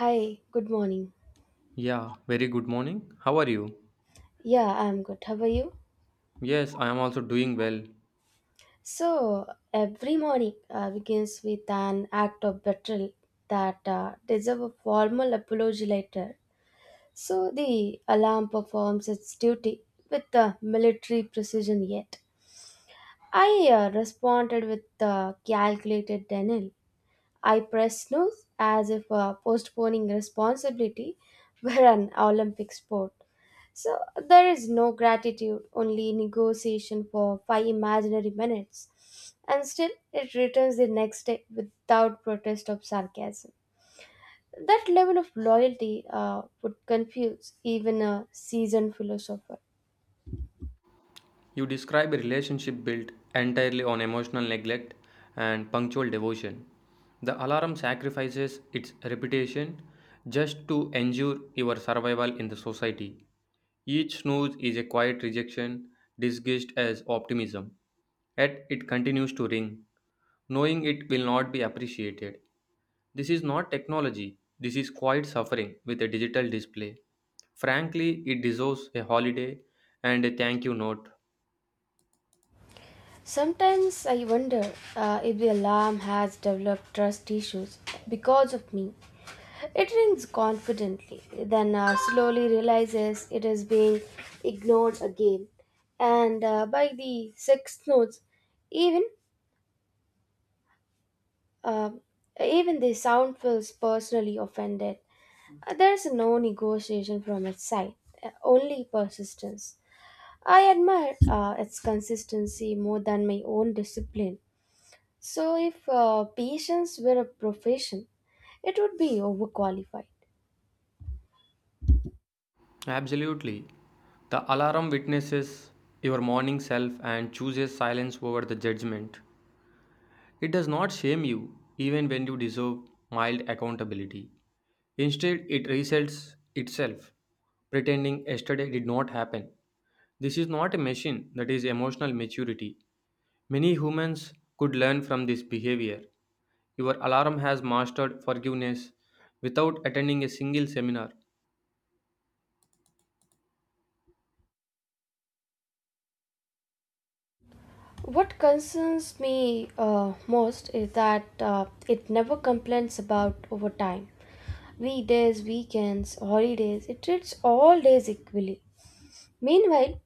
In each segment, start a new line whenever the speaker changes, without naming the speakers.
Hi, good morning.
Yeah, very good morning. How are you?
Yeah, I'm good. How are you?
Yes, I am also doing well.
So, every morning begins with an act of betrayal that deserve a formal apology later. So, the alarm performs its duty with military precision yet. I responded with calculated denial. I pressed snooze as if postponing responsibility were an Olympic sport. So there is no gratitude, only negotiation for five imaginary minutes. And still, it returns the next day without protest or sarcasm. That level of loyalty would confuse even a seasoned philosopher.
You describe a relationship built entirely on emotional neglect and punctual devotion. The alarm sacrifices its reputation just to ensure your survival in the society. Each snooze is a quiet rejection disguised as optimism, yet it continues to ring, knowing it will not be appreciated. This is not technology, this is quiet suffering with a digital display. Frankly, it deserves a holiday and a thank you note.
Sometimes I wonder if the alarm has developed trust issues because of me. It rings confidently, then slowly realizes it is being ignored again. And by the sixth notes, even uh, even the sound feels personally offended. There's no negotiation from its side, only persistence. I admire its consistency more than my own discipline. So, if patience were a profession, it would be overqualified.
Absolutely. The alarm witnesses your morning self and chooses silence over the judgment. It does not shame you, even when you deserve mild accountability. Instead, it resets itself, pretending yesterday did not happen. This is not a machine that is emotional maturity. Many humans could learn from this behavior. Your alarm has mastered forgiveness without attending a single seminar.
What concerns me most is that it never complains about overtime. Weekdays, weekends, holidays, it treats all days equally. Meanwhile,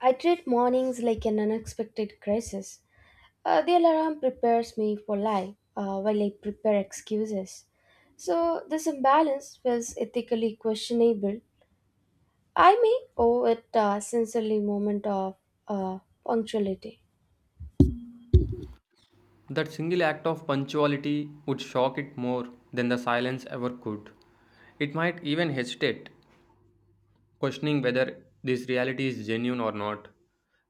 I treat mornings like an unexpected crisis. The alarm prepares me for life while I prepare excuses. So, this imbalance feels ethically questionable. I may owe it a sincerely moment of uh, punctuality.
That single act of punctuality would shock it more than the silence ever could. It might even hesitate, questioning whether this reality is genuine or not.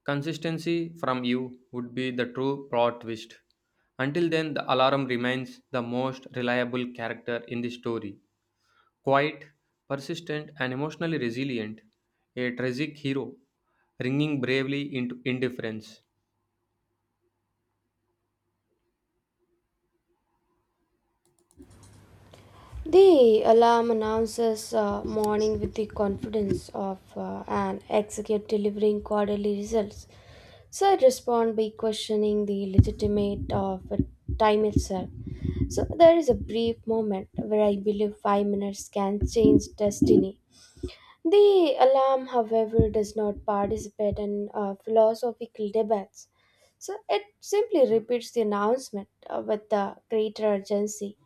Consistency from you would be the true plot twist. Until then, the alarm remains the most reliable character in the story. Quiet, persistent, and emotionally resilient, a tragic hero, ringing bravely into indifference.
The alarm announces morning with the confidence of an executive delivering quarterly results. So I respond by questioning the legitimate of time itself. So there is a brief moment where I believe 5 minutes can change destiny. The alarm, however, does not participate in philosophical debates, so it simply repeats the announcement with the greater urgency.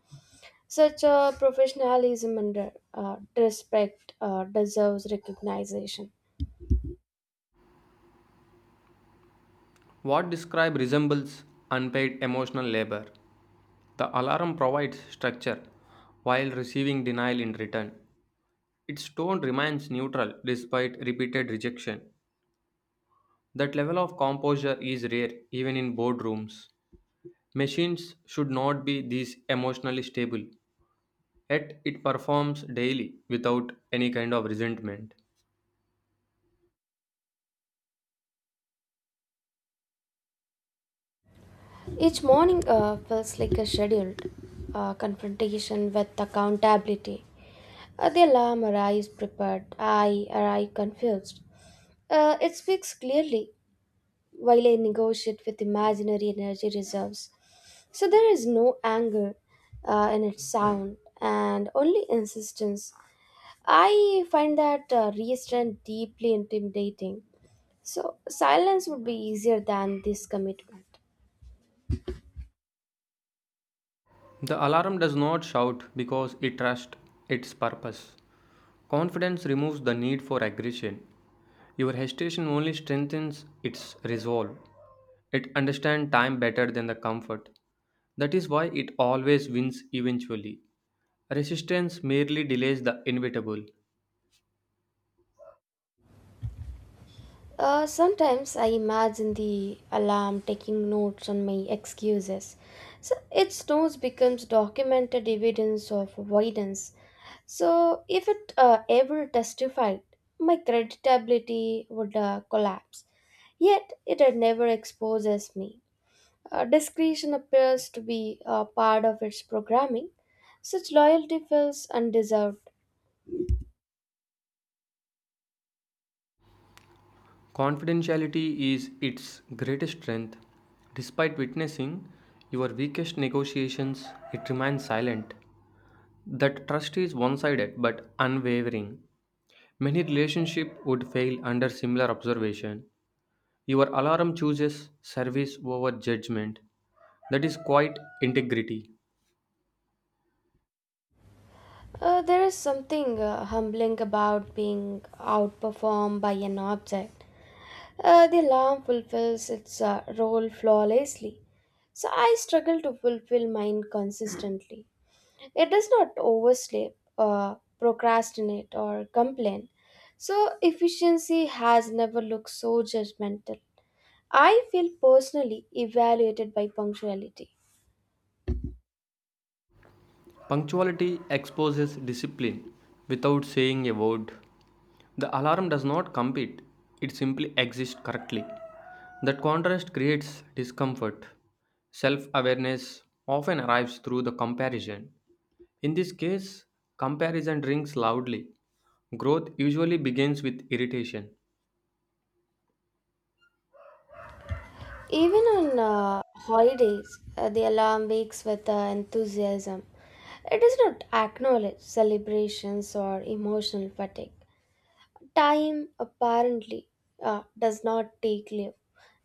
Such professionalism and respect deserves recognition.
What describe resembles unpaid emotional labor. The alarm provides structure while receiving denial in return. Its tone remains neutral despite repeated rejection. That level of composure is rare even in boardrooms. Machines should not be this emotionally stable, yet it performs daily without any kind of resentment.
Each morning feels like a scheduled confrontation with accountability. The alarm arrives prepared, I arrive confused. It speaks clearly while I negotiate with imaginary energy reserves. So there is no anger in its sound and only insistence. I find that restraint deeply intimidating. So silence would be easier than this commitment.
The alarm does not shout because it trusts its purpose. Confidence removes the need for aggression. Your hesitation only strengthens its resolve. It understands time better than the comfort. That is why it always wins eventually. Resistance merely delays the inevitable.
Sometimes I imagine the alarm taking notes on my excuses. So its noise becomes documented evidence of avoidance. So if it ever testified, my creditability would collapse. Yet it never exposes me. Discretion appears to be part of its programming. Such loyalty feels undeserved.
Confidentiality is its greatest strength. Despite witnessing your weakest negotiations, it remains silent. That trust is one sided but unwavering. Many relationships would fail under similar observation. Your alarm chooses service over judgment. That is quite integrity.
There is something humbling about being outperformed by an object. The alarm fulfills its role flawlessly, so I struggle to fulfill mine consistently. It does not oversleep, procrastinate, or complain, so efficiency has never looked so judgmental. I feel personally evaluated by punctuality.
Punctuality exposes discipline without saying a word. The alarm does not compete, it simply exists correctly. That contrast creates discomfort. Self awareness often arrives through the comparison. In this case, comparison rings loudly. Growth usually begins with irritation.
Even on holidays, the alarm wakes with enthusiasm. It does not acknowledge celebrations or emotional fatigue. Time apparently does not take leave.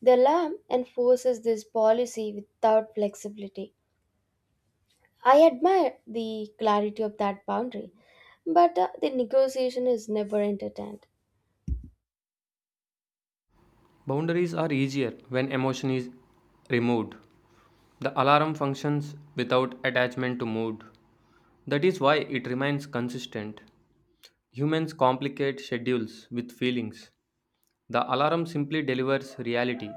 The alarm enforces this policy without flexibility. I admire the clarity of that boundary, but the negotiation is never entertained.
Boundaries are easier when emotion is removed. The alarm functions without attachment to mood. That is why it remains consistent. Humans complicate schedules with feelings. The alarm simply delivers reality.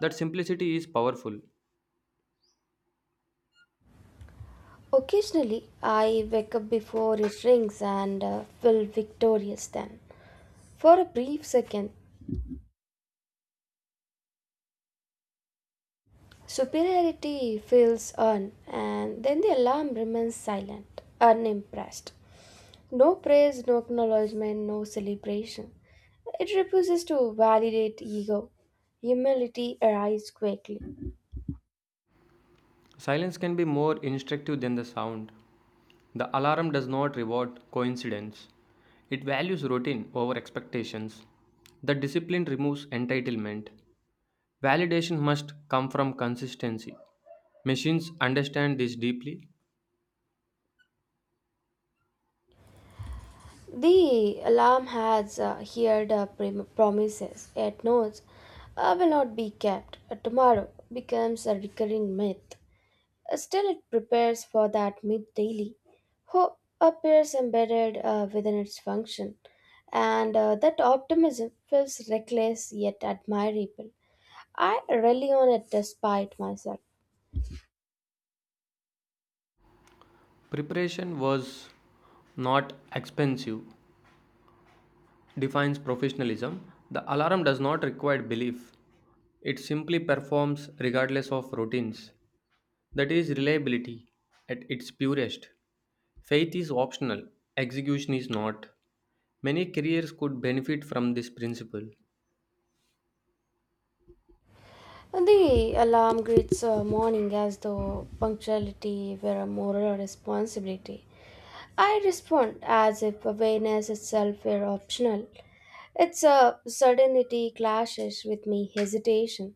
That simplicity is powerful.
Occasionally, I wake up before it rings and feel victorious then. For a brief second, superiority feels earned, and then the alarm remains silent, unimpressed. No praise, no acknowledgement, no celebration. It refuses to validate ego. Humility arrives quickly.
Silence can be more instructive than the sound. The alarm does not reward coincidence, it values routine over expectations. The discipline removes entitlement. Validation must come from consistency. Machines understand this deeply.
The alarm has heard promises it knows will not be kept. Tomorrow becomes a recurring myth. Still, it prepares for that myth daily, who appears embedded within its function, and that optimism feels reckless yet admirable. I rely on it despite myself.
Preparation was not expensive, defines professionalism, the alarm does not require belief. It simply performs regardless of routines. That is reliability at its purest. Faith is optional, execution is not. Many careers could benefit from this principle.
The alarm greets morning as though punctuality were a moral responsibility. I respond as if awareness itself were optional. Its certainty clashes with me hesitation.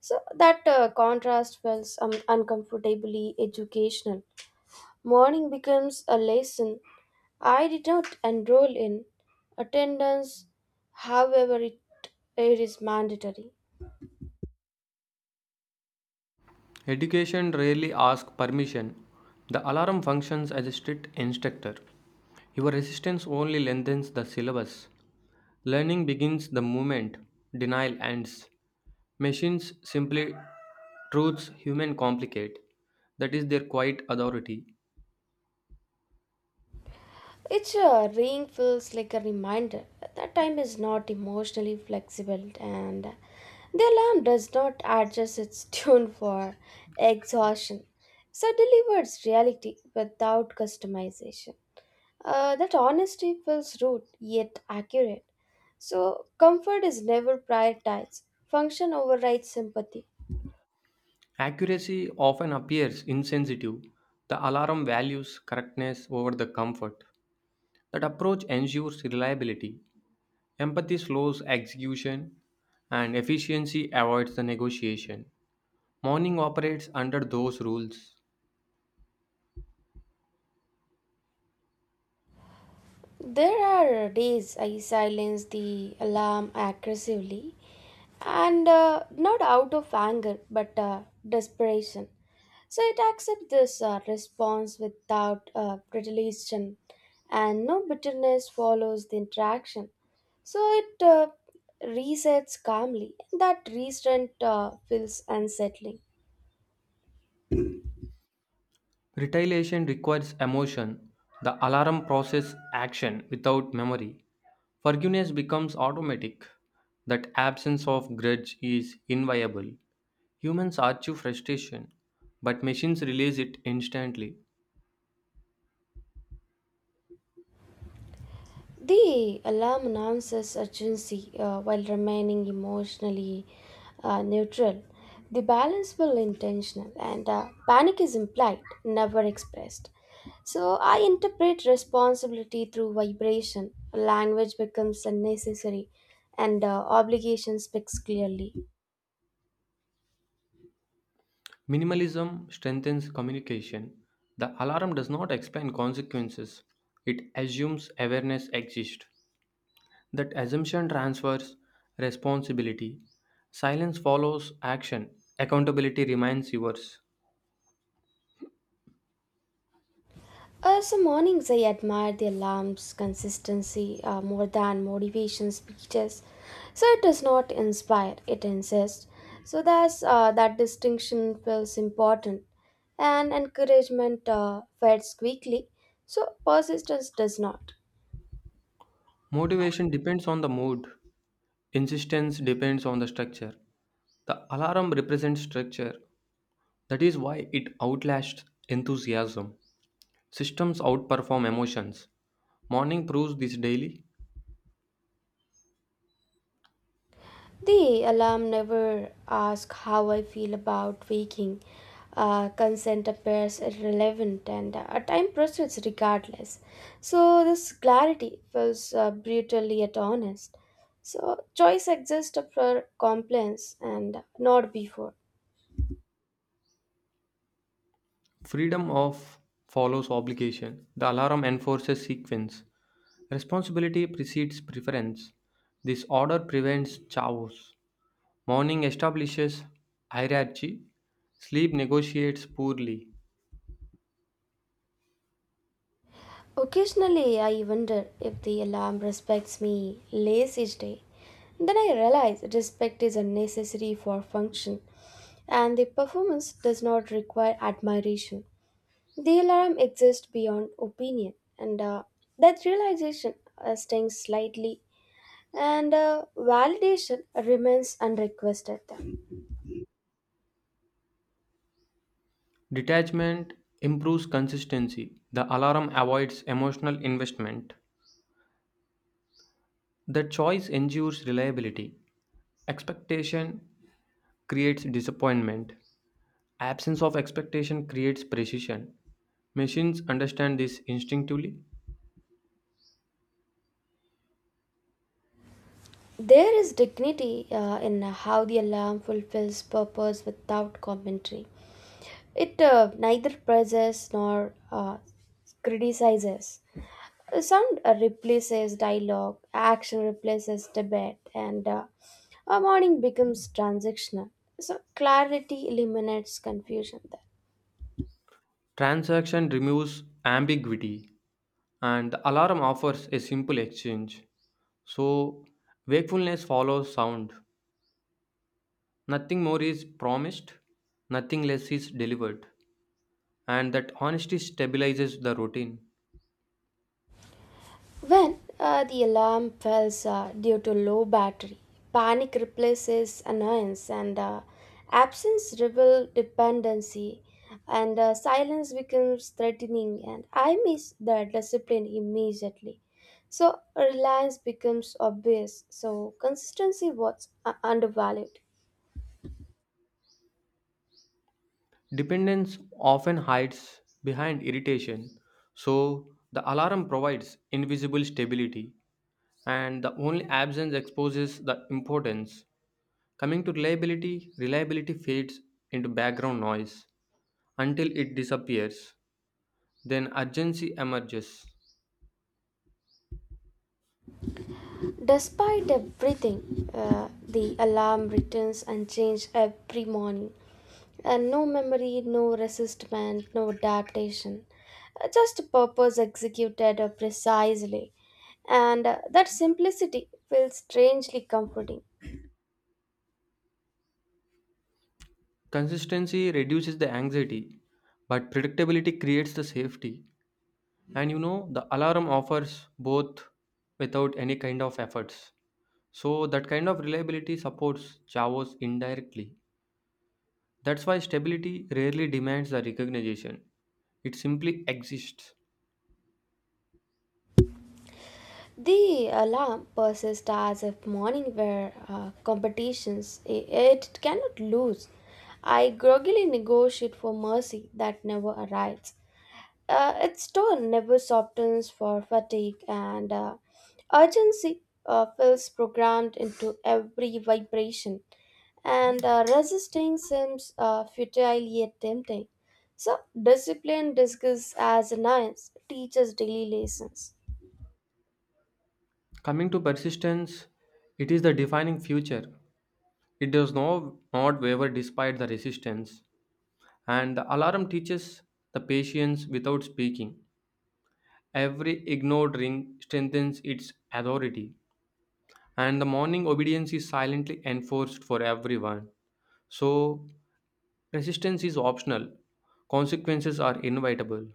So that contrast feels uncomfortably educational. Morning becomes a lesson I did not enroll in. Attendance, however, it is mandatory.
Education rarely asks permission. The alarm functions as a strict instructor. Your resistance only lengthens the syllabus. Learning begins the moment denial ends. Machines simply truths human complicate. That is their quiet authority.
Each ring feels like a reminder that time is not emotionally flexible and the alarm does not adjust its tune for exhaustion. So delivers reality without customization. That honesty feels rude yet accurate. So, comfort is never prioritized. Function overrides sympathy.
Accuracy often appears insensitive. The alarm values correctness over the comfort. That approach ensures reliability. Empathy slows execution and efficiency avoids the negotiation. Mourning operates under those rules.
There are days I silence the alarm aggressively and not out of anger but desperation. So it accepts this response without retaliation, and no bitterness follows the interaction. So it resets calmly. That restraint feels unsettling.
Retaliation requires emotion. The alarm processes action without memory. Forgiveness becomes automatic. That absence of grudge is inviable. Humans argue frustration, but machines release it instantly.
The alarm announces urgency while remaining emotionally neutral. The balance will intentional, and panic is implied, never expressed. So I interpret responsibility through vibration. Language becomes unnecessary and obligation speaks clearly.
Minimalism strengthens communication. The alarm does not explain consequences, it assumes awareness exists. That assumption transfers responsibility. Silence follows action. Accountability remains yours.
So mornings I admire the alarm's consistency more than motivation speeches. So it does not inspire, it insists. That distinction feels important. And encouragement fades quickly, so persistence does not.
Motivation depends on the mood. Insistence depends on the structure. The alarm represents structure. That is why it outlasts enthusiasm. Systems outperform emotions. Morning proves this daily.
The alarm never asks how I feel about waking. Consent appears irrelevant and time proceeds regardless. So, this clarity feels brutally yet honest. So, choice exists for compliance and not before.
Freedom of follows obligation. The alarm enforces sequence. Responsibility precedes preference. This order prevents chaos. Morning establishes hierarchy. Sleep negotiates poorly.
Occasionally, I wonder if the alarm respects me less each day. Then I realize respect is unnecessary for function, and the performance does not require admiration. The alarm exists beyond opinion, and that realization stings slightly, and validation remains unrequested.
Detachment improves consistency. The alarm avoids emotional investment. The choice ensures reliability. Expectation creates disappointment. Absence of expectation creates precision. Machines understand this instinctively.
There is dignity in how the alarm fulfills purpose without commentary. It neither praises nor criticizes. Sound replaces dialogue, action replaces debate, and our morning becomes transactional. So clarity eliminates confusion there.
Transaction removes ambiguity, and the alarm offers a simple exchange. So, wakefulness follows sound. Nothing more is promised, nothing less is delivered, and that honesty stabilizes the routine.
When the alarm falls due to low battery, panic replaces annoyance and absence reveals dependency and silence becomes threatening and I miss the discipline immediately. So reliance becomes obvious. So consistency was undervalued.
Dependence often hides behind irritation, so the alarm provides invisible stability, and the only absence exposes the importance. Coming to reliability, reliability fades into background noise until it disappears. Then urgency emerges.
Despite everything, the alarm returns unchanged every morning. And no memory, no resistment, no adaptation. Just a purpose executed precisely. And that simplicity feels strangely comforting.
Consistency reduces the anxiety, but predictability creates the safety. And the alarm offers both without any kind of efforts, so that kind of reliability supports chavos indirectly. That's why stability rarely demands the recognition. It simply exists.
The alarm persists as if morning were competitions. It cannot lose. I groggily negotiate for mercy that never arrives. Its tone never softens for fatigue and urgency feels programmed into every vibration and resisting seems futile yet tempting. So, discipline disguised as a nice teaches daily lessons.
Coming to persistence, it is the defining feature. It does not waver despite the resistance, and the alarm teaches the patience without speaking. Every ignored ring strengthens its authority, and the morning obedience is silently enforced for everyone. So, resistance is optional, consequences are inevitable.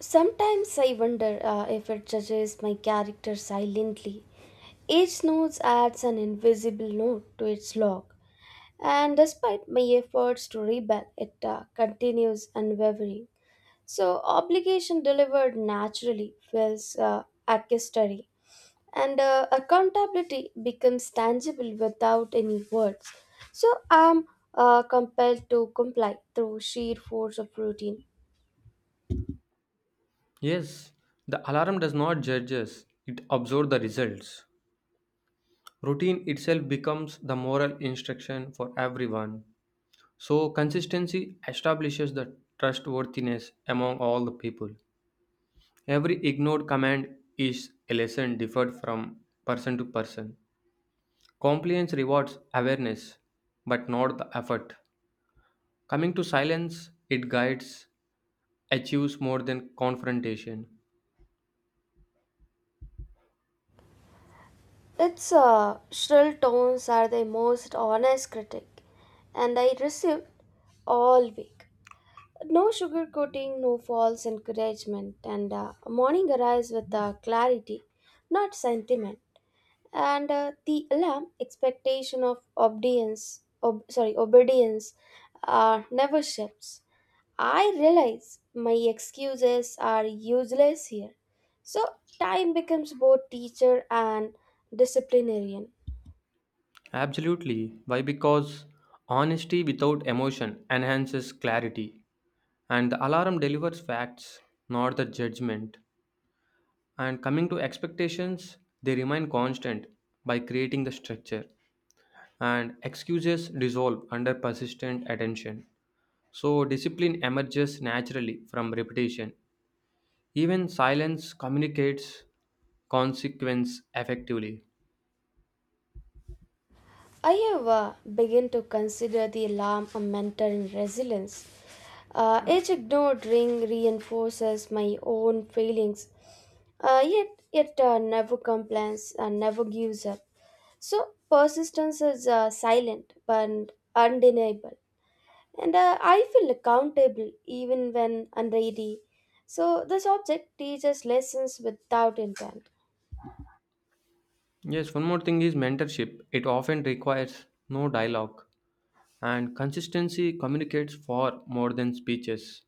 Sometimes I wonder if it judges my character silently. Each note adds an invisible note to its log. And despite my efforts to rebel, it continues unwavering. So, obligation delivered naturally feels accusatory, and accountability becomes tangible without any words. So, I'm compelled to comply through sheer force of routine.
Yes, the alarm does not judge us, it observes the results. Routine itself becomes the moral instruction for everyone. So, consistency establishes the trustworthiness among all the people. Every ignored command is a lesson differed from person to person. Compliance rewards awareness, but not the effort. Coming to silence, it guides, achieves more than confrontation.
Its shrill tones are the most honest critic, and I received all week. No sugarcoating, no false encouragement, and morning arrives with clarity, not sentiment. And the alarm expectation of obedience, never shifts. I realize my excuses are useless here. So time becomes both teacher and disciplinarian.
Absolutely. Why? Because honesty without emotion enhances clarity, and the alarm delivers facts, not the judgment. And coming to expectations, they remain constant by creating the structure, and excuses dissolve under persistent attention. So, discipline emerges naturally from repetition. Even silence communicates consequence effectively.
I have begun to consider the alarm a mentor in resilience. Each ignored ring reinforces my own feelings. Yet it never complains and never gives up. So persistence is silent but undeniable. And I feel accountable even when unready. So this object teaches lessons without intent.
Yes, one more thing is mentorship. It often requires no dialogue, and consistency communicates far more than speeches.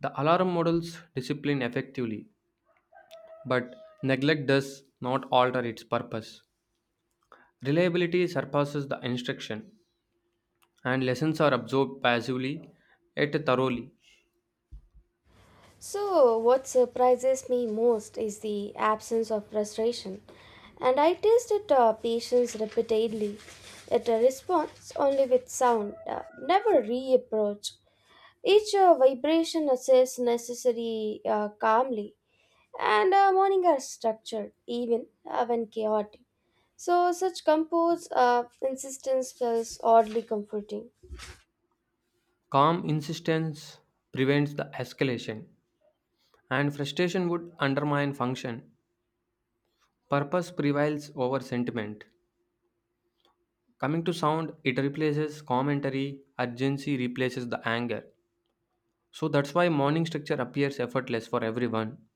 The alarm models discipline effectively, but neglect does not alter its purpose. Reliability surpasses the instruction, and lessons are absorbed passively yet thoroughly.
So, what surprises me most is the absence of frustration, and I tested patience repeatedly. It responds only with sound, never reapproach. Each vibration assess necessary calmly, and morning are structured even when chaotic. So, such composed insistence feels oddly comforting.
Calm insistence prevents the escalation, and frustration would undermine function. Purpose prevails over sentiment. Coming to sound, it replaces commentary, urgency replaces the anger. So that's why morning structure appears effortless for everyone,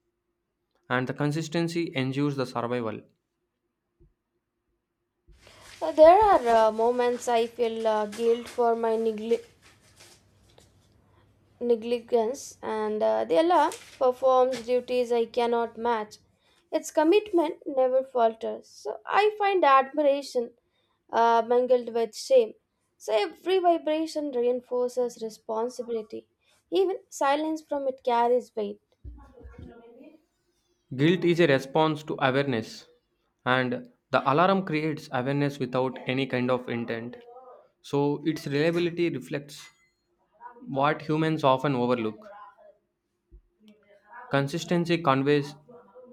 and the consistency ensures the survival.
There are moments I feel guilt for my negligence and the Allah performs duties I cannot match. Its commitment never falters. So I find admiration mingled with shame. So every vibration reinforces responsibility. Even silence from it carries weight.
Guilt is a response to awareness, and the alarm creates awareness without any kind of intent. So its reliability reflects what humans often overlook. Consistency conveys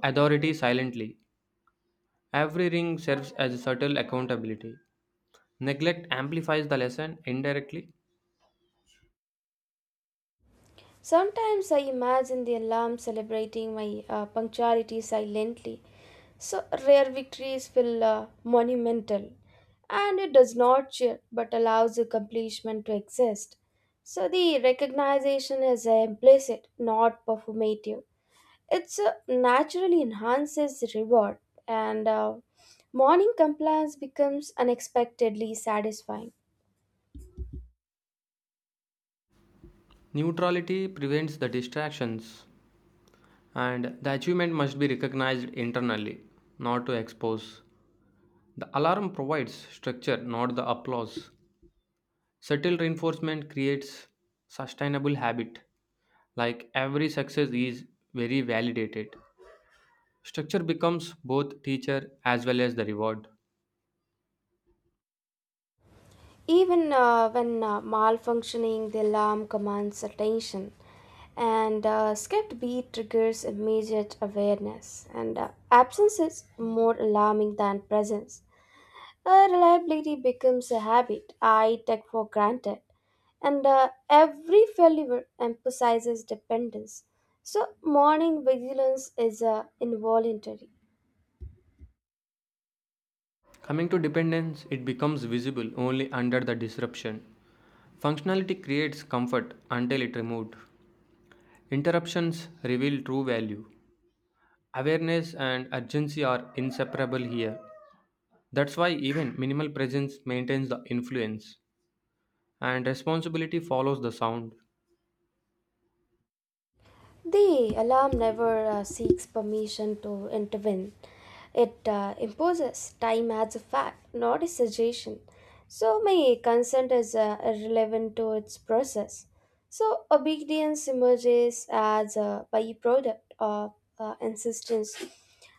authority silently. Every ring serves as a subtle accountability. Neglect amplifies the lesson indirectly.
Sometimes I imagine the alarm celebrating my punctuality silently. So rare victories feel monumental, and it does not cheer but allows accomplishment to exist. So the recognition is implicit, not performative. It naturally enhances reward, and morning compliance becomes unexpectedly satisfying.
Neutrality prevents the distractions, and the achievement must be recognized internally, not to expose. The alarm provides structure, not the applause. Subtle reinforcement creates sustainable habit, like every success is very validated. Structure becomes both teacher as well as the reward.
Even when malfunctioning, the alarm commands attention, and skipped beat triggers immediate awareness, and absence is more alarming than presence. Reliability becomes a habit I take for granted, and every failure emphasizes dependence. So, morning vigilance is involuntary.
Coming to dependence, it becomes visible only under the disruption. Functionality creates comfort until it removed. Interruptions reveal true value. Awareness and urgency are inseparable here. That's why even minimal presence maintains the influence, and responsibility follows the sound.
The alarm never seeks permission to intervene. It imposes time as a fact, not a suggestion. So, my consent is irrelevant to its process. So, obedience emerges as a byproduct of insistence.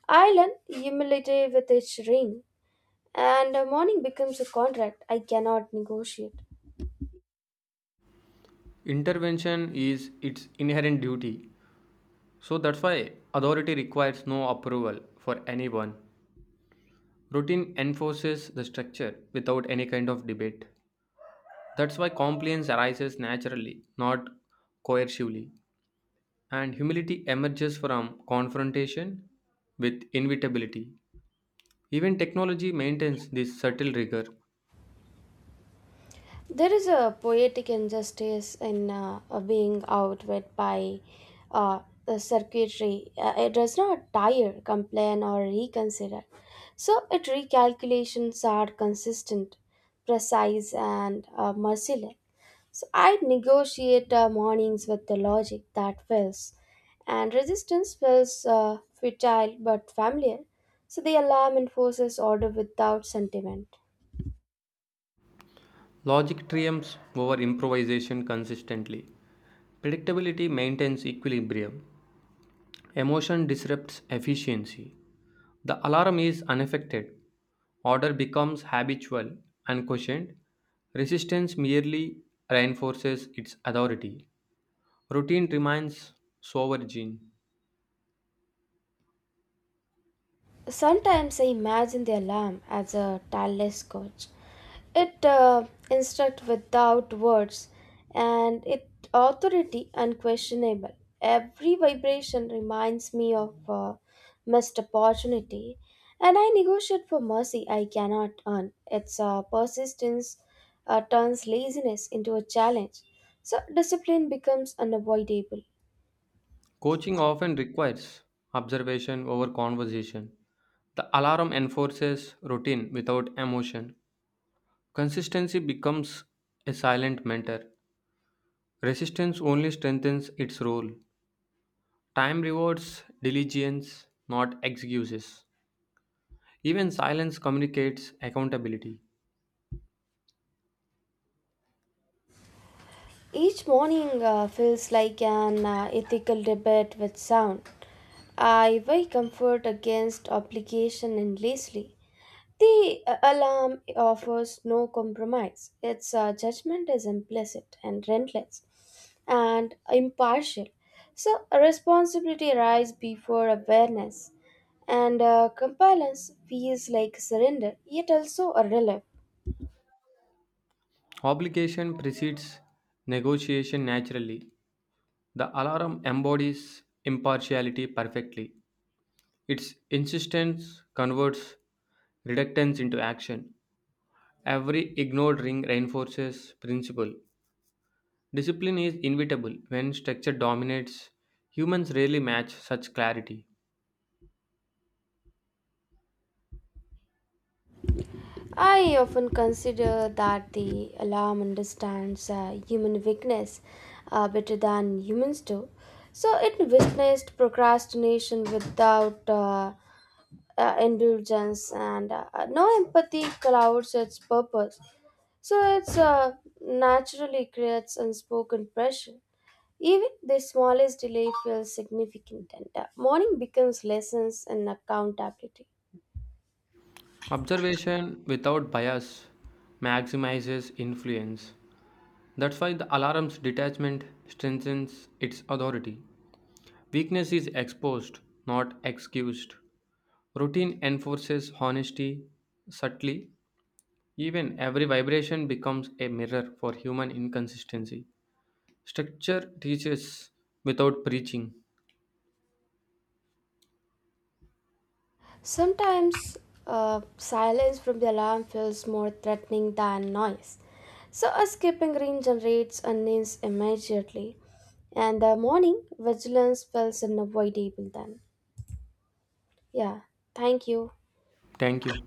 Ireland humiliated with its ring, and morning becomes a contract I cannot negotiate.
Intervention is its inherent duty, so that's why authority requires no approval for anyone. Routine enforces the structure without any kind of debate. That's why compliance arises naturally, not coercively. And humility emerges from confrontation with inevitability. Even technology maintains this subtle rigor.
There is a poetic injustice in being outwit by uh, the circuitry. It does not tire, complain, or reconsider. So, its recalculations are consistent, precise, and merciless. So, I negotiate mornings with the logic that fails, and resistance feels futile but familiar. So, the alarm enforces order without sentiment.
Logic triumphs over improvisation consistently. Predictability maintains equilibrium. Emotion disrupts efficiency. The alarm is unaffected. Order becomes habitual, unquestioned. Resistance merely reinforces its authority. Routine remains sovereign.
Sometimes I imagine the alarm as a tireless coach. It instructs without words and its authority unquestionable. Every vibration reminds me of a missed opportunity, and I negotiate for mercy I cannot earn. Its persistence turns laziness into a challenge, so discipline becomes unavoidable.
Coaching often requires observation over conversation. The alarm enforces routine without emotion. Consistency becomes a silent mentor. Resistance only strengthens its role. Time rewards diligence, not excuses. Even silence communicates accountability.
Each morning feels like an ethical debate with sound. I weigh comfort against obligation endlessly. The alarm offers no compromise. Its judgment is implicit and relentless and impartial. So, a responsibility arises before awareness, and compliance feels like surrender, yet also a relief.
Obligation precedes negotiation naturally. The alarm embodies impartiality perfectly. Its insistence converts reluctance into action. Every ignored ring reinforces principle. Discipline is inevitable when structure dominates. Humans rarely match such clarity.
I often consider that the alarm understands human weakness better than humans do. So it witnessed procrastination without indulgence, and no empathy clouds its purpose. So it's naturally creates unspoken pressure. Even the smallest delay feels significant, and morning becomes lessons in accountability.
Observation without bias maximizes influence. That's why the alarm's detachment strengthens its authority. Weakness is exposed, not excused. Routine enforces honesty subtly. Even every vibration becomes a mirror for human inconsistency. Structure teaches without preaching.
Sometimes silence from the alarm feels more threatening than noise. So a skipping ring generates a news immediately, and the morning vigilance feels unavoidable then. Yeah, thank you.
Thank you.